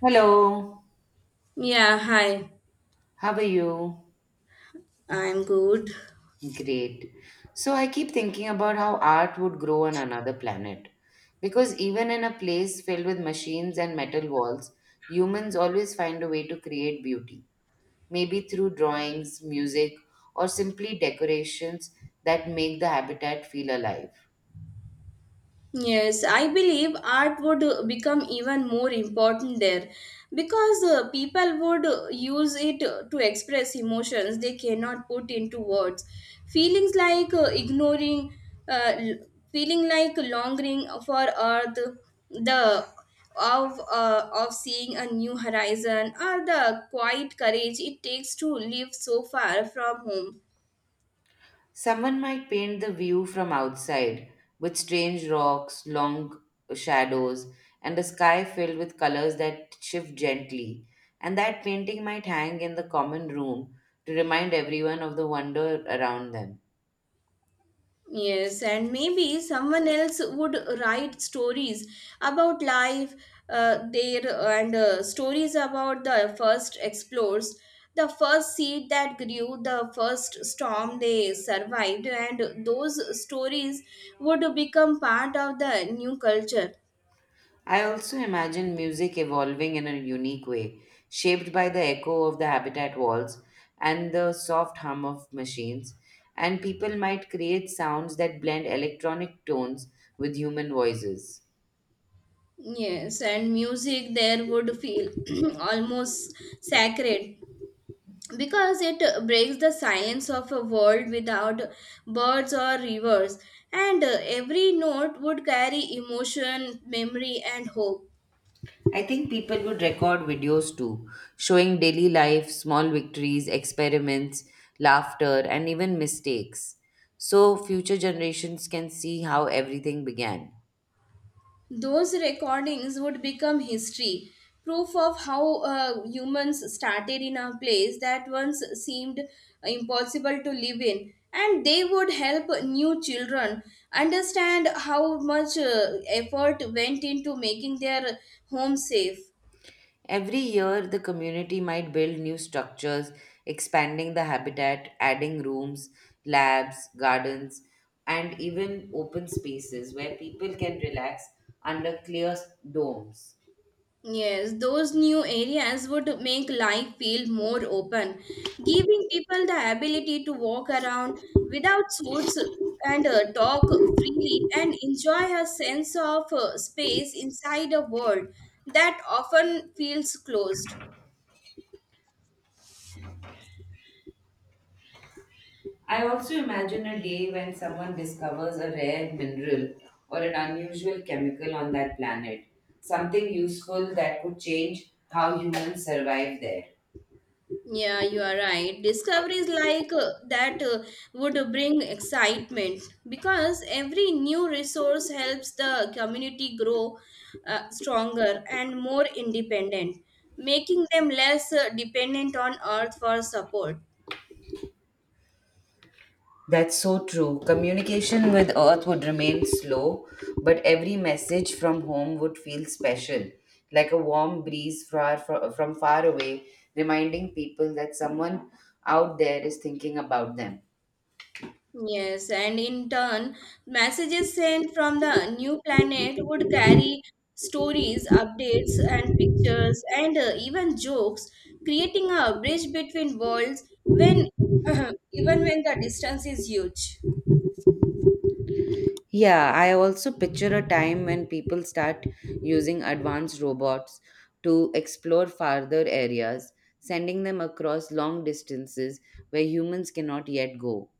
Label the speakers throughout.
Speaker 1: Hello,
Speaker 2: Yeah, hi.
Speaker 1: how are you?
Speaker 2: I'm good.
Speaker 1: Great. So I keep thinking about how art would grow on another planet. Because even in a place filled with machines and metal walls, humans always find a way to create beauty. Maybe through drawings, music, or simply decorations that make the habitat feel alive.
Speaker 2: Yes, I believe art would become even more important there because people would use it to express emotions they cannot put into words. Feelings like ignoring, uh, l- feeling like longing for earth, the of of seeing a new horizon, or the quiet courage it takes to live so far from home.
Speaker 1: Someone might paint the view from outside with strange rocks, long shadows, and a sky filled with colors that shift gently. And that painting might hang in the common room to remind everyone of the wonder around them.
Speaker 2: Yes, and maybe someone else would write stories about life, their and stories about the first explorers, the first seed that grew, the first storm they survived, and those stories would become part of the new culture.
Speaker 1: I also imagine music evolving in a unique way, shaped by the echo of the habitat walls and the soft hum of machines. And people might create sounds that blend electronic tones with human voices.
Speaker 2: Yes, and music there would feel almost sacred because it breaks the silence of a world without birds or rivers and every note would carry emotion memory and hope.
Speaker 1: I think people would record videos too, showing daily life, small victories, experiments, laughter, and even mistakes. So future generations can see how everything began.
Speaker 2: Those recordings would become history, proof of how humans started in a place that once seemed impossible to live in, and they would help new children understand how much effort went into making their home safe.
Speaker 1: Every year, the community might build new structures, expanding the habitat, adding rooms, labs, gardens, and even open spaces where people can relax under clear domes.
Speaker 2: Yes, those new areas would make life feel more open, giving people the ability to walk around without suits and talk freely and enjoy a sense of space inside a world that often feels closed.
Speaker 1: I also imagine a day when someone discovers a rare mineral or an unusual chemical on that planet, something useful that could change how humans survive there.
Speaker 2: Yeah, you are right. Discoveries like that would bring excitement because every new resource helps the community grow stronger and more independent, making them less dependent on Earth for support.
Speaker 1: That's so true. Communication with Earth would remain slow, but every message from home would feel special, like a warm breeze far, from far away, reminding people that someone out there is thinking about them.
Speaker 2: Yes, and in turn, messages sent from the new planet would carry stories, updates, and pictures, and even jokes, creating a bridge between worlds when even when the distance is huge.
Speaker 1: Yeah, I also picture a time when people start using advanced robots to explore farther areas, sending them across long distances where humans cannot yet go.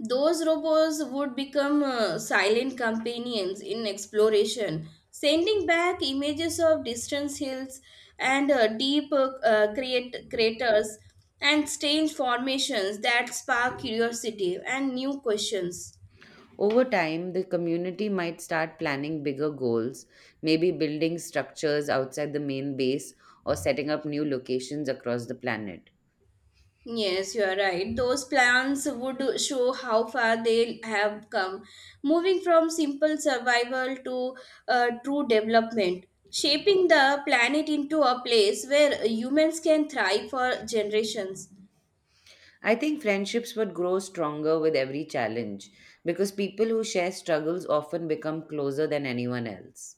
Speaker 2: Those robots would become silent companions in exploration, sending back images of distant hills and craters and strange formations that spark curiosity and new questions.
Speaker 1: Over time, the community might start planning bigger goals, maybe building structures outside the main base or setting up new locations across the planet.
Speaker 2: Yes, you are right. Those plans would show how far they have come, moving from simple survival to true development, shaping the planet into a place where humans can thrive for generations.
Speaker 1: I think friendships would grow stronger with every challenge because people who share struggles often become closer than anyone else.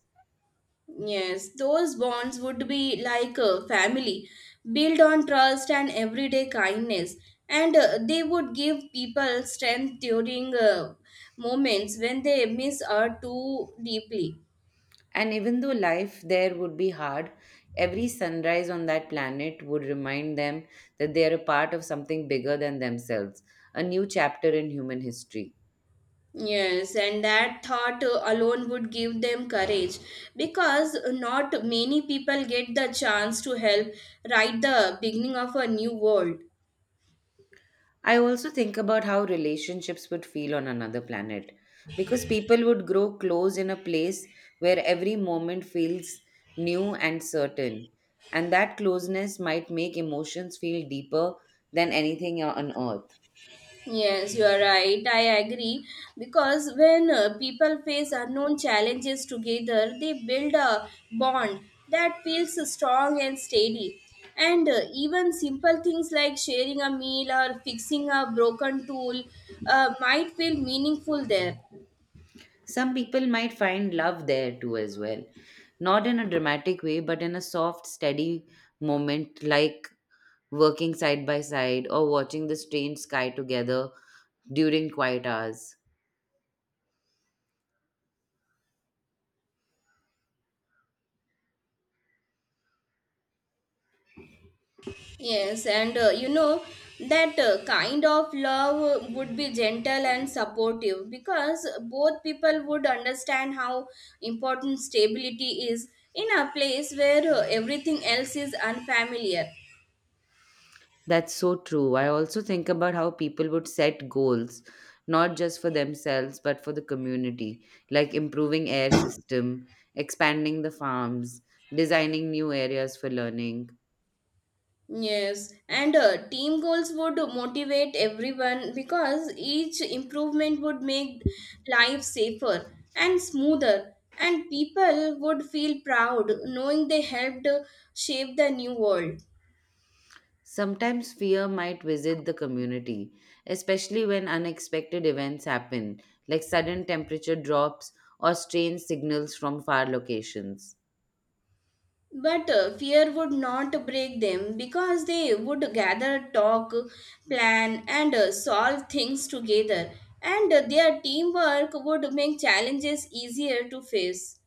Speaker 2: Yes, those bonds would be like a family, built on trust and everyday kindness, and they would give people strength during moments when they miss out too deeply.
Speaker 1: And even though life there would be hard, every sunrise on that planet would remind them that they are a part of something bigger than themselves, a new chapter in human history.
Speaker 2: Yes, and that thought alone would give them courage because not many people get the chance to help write the beginning of a new world.
Speaker 1: I also think about how relationships would feel on another planet because people would grow close in a place where every moment feels new and certain. And that closeness might make emotions feel deeper than anything on earth.
Speaker 2: Yes, you are right. I agree because when people face unknown challenges together, they build a bond that feels strong and steady. And even simple things like sharing a meal or fixing a broken tool might feel meaningful there.
Speaker 1: Some people might find love there too, as well. Not in a dramatic way, but in a soft, steady moment, like working side by side or watching the strange sky together during quiet hours.
Speaker 2: Yes, and you know that kind of love would be gentle and supportive because both people would understand how important stability is in a place where everything else is unfamiliar.
Speaker 1: That's so true. I also think about how people would set goals, not just for themselves, but for the community, like improving air system, expanding the farms, designing new areas for learning.
Speaker 2: Yes, and team goals would motivate everyone because each improvement would make life safer and smoother, and people would feel proud knowing they helped shape the new world.
Speaker 1: Sometimes fear might visit the community, especially when unexpected events happen, like sudden temperature drops or strange signals from far locations.
Speaker 2: But fear would not break them because they would gather, talk, plan, and solve things together. And their teamwork would make challenges easier to face.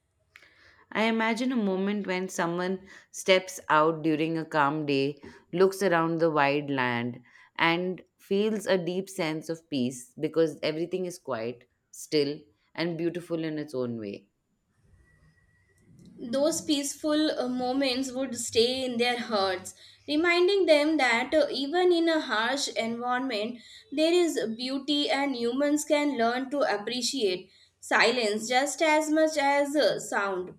Speaker 1: I imagine a moment when someone steps out during a calm day, looks around the wide land, and feels a deep sense of peace because everything is quiet, still, and beautiful in its own way.
Speaker 2: Those peaceful moments would stay in their hearts, reminding them that even in a harsh environment, there is beauty and humans can learn to appreciate silence just as much as sound.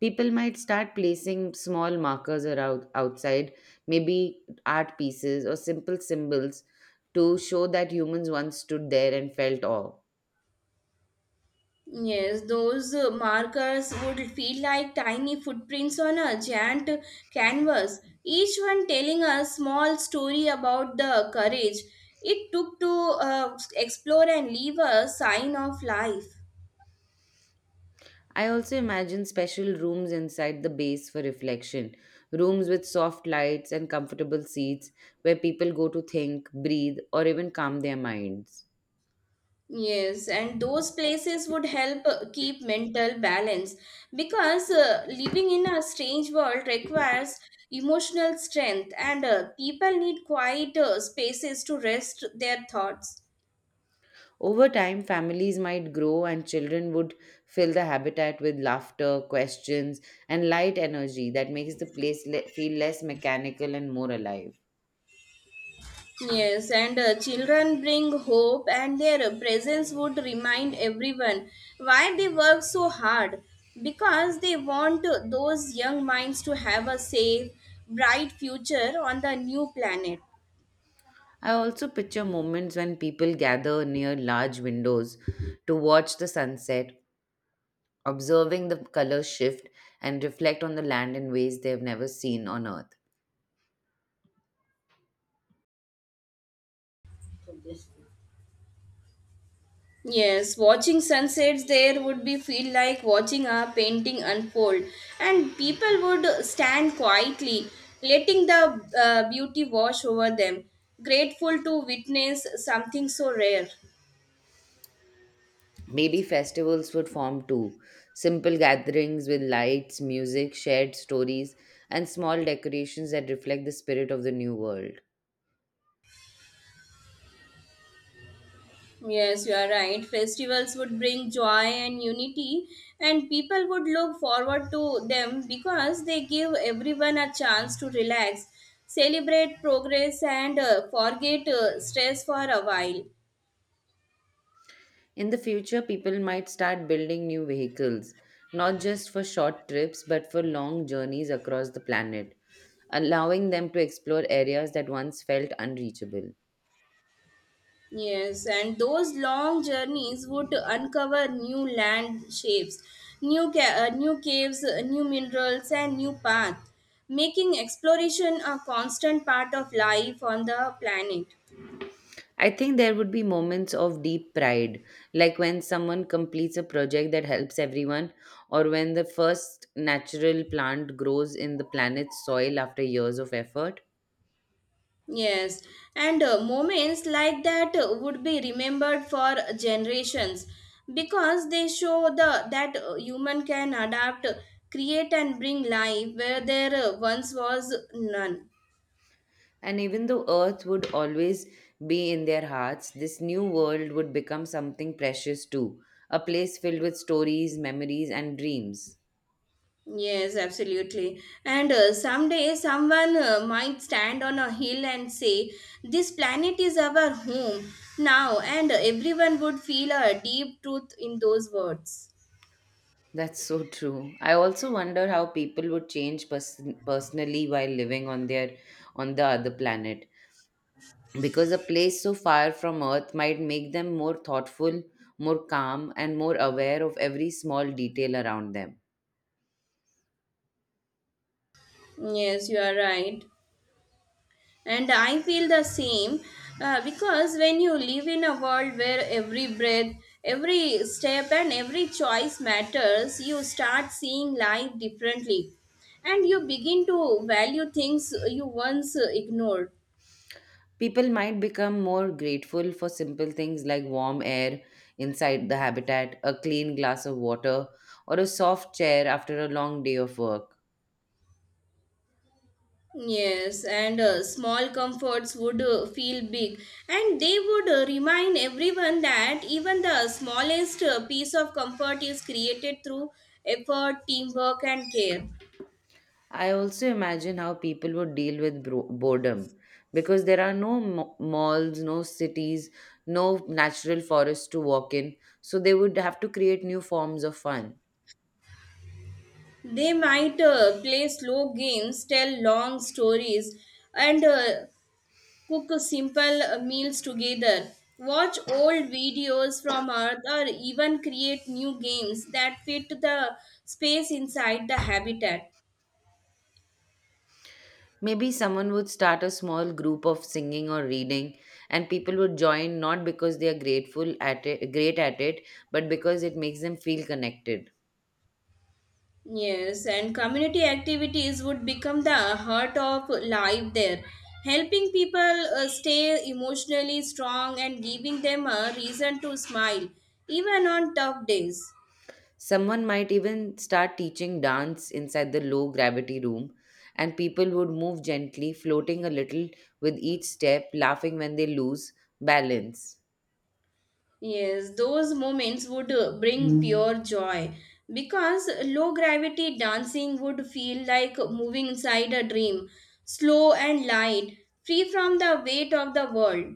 Speaker 1: People might start placing small markers around outside, maybe art pieces or simple symbols to show that humans once stood there and felt awe.
Speaker 2: Yes, those markers would feel like tiny footprints on a giant canvas, each one telling a small story about the courage it took to explore and leave a sign of life.
Speaker 1: I also imagine special rooms inside the base for reflection, rooms with soft lights and comfortable seats where people go to think, breathe, or even calm their minds.
Speaker 2: Yes, and those places would help keep mental balance because living in a strange world requires emotional strength, and people need quiet spaces to rest their thoughts.
Speaker 1: Over time, families might grow and children would fill the habitat with laughter, questions, and light energy that makes the place feel less mechanical and more alive.
Speaker 2: Yes, and children bring hope, and their presence would remind everyone why they work so hard because they want those young minds to have a safe, bright future on the new planet.
Speaker 1: I also picture moments when people gather near large windows to watch the sunset, observing the color shift, and reflect on the land in ways they've never seen on earth.
Speaker 2: Yes, watching sunsets there would be feel like watching a painting unfold, and people would stand quietly, letting the beauty wash over them, grateful to witness something so rare.
Speaker 1: Maybe festivals would form too simple gatherings with lights, music, shared stories, and small decorations that reflect the spirit of the new world.
Speaker 2: Yes, you are right. Festivals would bring joy and unity, and people would look forward to them because they give everyone a chance to relax, celebrate progress, and forget stress for a while.
Speaker 1: In the future, people might start building new vehicles, not just for short trips but for long journeys across the planet, allowing them to explore areas that once felt unreachable.
Speaker 2: Yes, and those long journeys would uncover new land shapes, new caves, new minerals, and new paths, making exploration a constant part of life on the planet.
Speaker 1: I think there would be moments of deep pride, like when someone completes a project that helps everyone, or when the first natural plant grows in the planet's soil after years of effort.
Speaker 2: Yes, and moments like that would be remembered for generations because they show the that human can adapt, create and bring life where there once was none.
Speaker 1: And even though Earth would always be in their hearts, this new world would become something precious too a place filled with stories, memories, and dreams.
Speaker 2: Yes, absolutely. And someday someone might stand on a hill and say, "This planet is our home now," and everyone would feel a deep truth in those words.
Speaker 1: That's so true. I also wonder how people would change personally while living on their on the other planet because a place so far from earth might make them more thoughtful, more calm, and more aware of every small detail around them.
Speaker 2: Yes, you are right. And I feel the same because when you live in a world where every breath, every step, and every choice matters, you start seeing life differently and you begin to value things you once ignored.
Speaker 1: People might become more grateful for simple things like warm air inside the habitat, a clean glass of water, or a soft chair after a long day of work.
Speaker 2: Yes, and small comforts would feel big, and they would remind everyone that even the smallest piece of comfort is created through effort, teamwork, and care.
Speaker 1: I also imagine how people would deal with boredom because there are no malls, no cities, no natural forests to walk in, so they would have to create new forms of fun.
Speaker 2: They might play slow games, tell long stories, and cook simple meals together. Watch old videos from Earth or even create new games that fit the space inside the habitat.
Speaker 1: Maybe someone would start a small group of singing or reading, and people would join not because they are great at it, but because it makes them feel connected.
Speaker 2: Yes, and community activities would become the heart of life there, helping people stay emotionally strong and giving them a reason to smile, even on tough days.
Speaker 1: Someone might even start teaching dance inside the low gravity room, and people would move gently, floating a little with each step, laughing when they lose balance.
Speaker 2: Yes, those moments would bring pure joy because low gravity dancing would feel like moving inside a dream, slow and light, free from the weight of the world.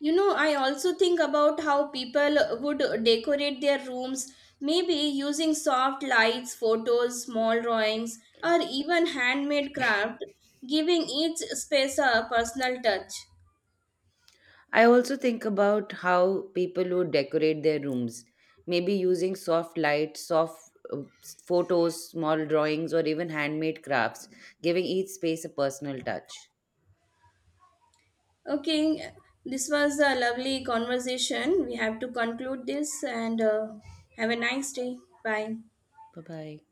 Speaker 2: You know, I also think about how people would decorate their rooms, maybe using soft lights, photos, small drawings, or even handmade craft, giving each space a personal touch.
Speaker 1: I also think about how people who decorate their rooms, maybe using soft lights, soft photos, small drawings, or even handmade crafts, giving each space a personal touch.
Speaker 2: Okay, this was a lovely conversation. We have to conclude this and have a nice day. Bye.
Speaker 1: Bye bye.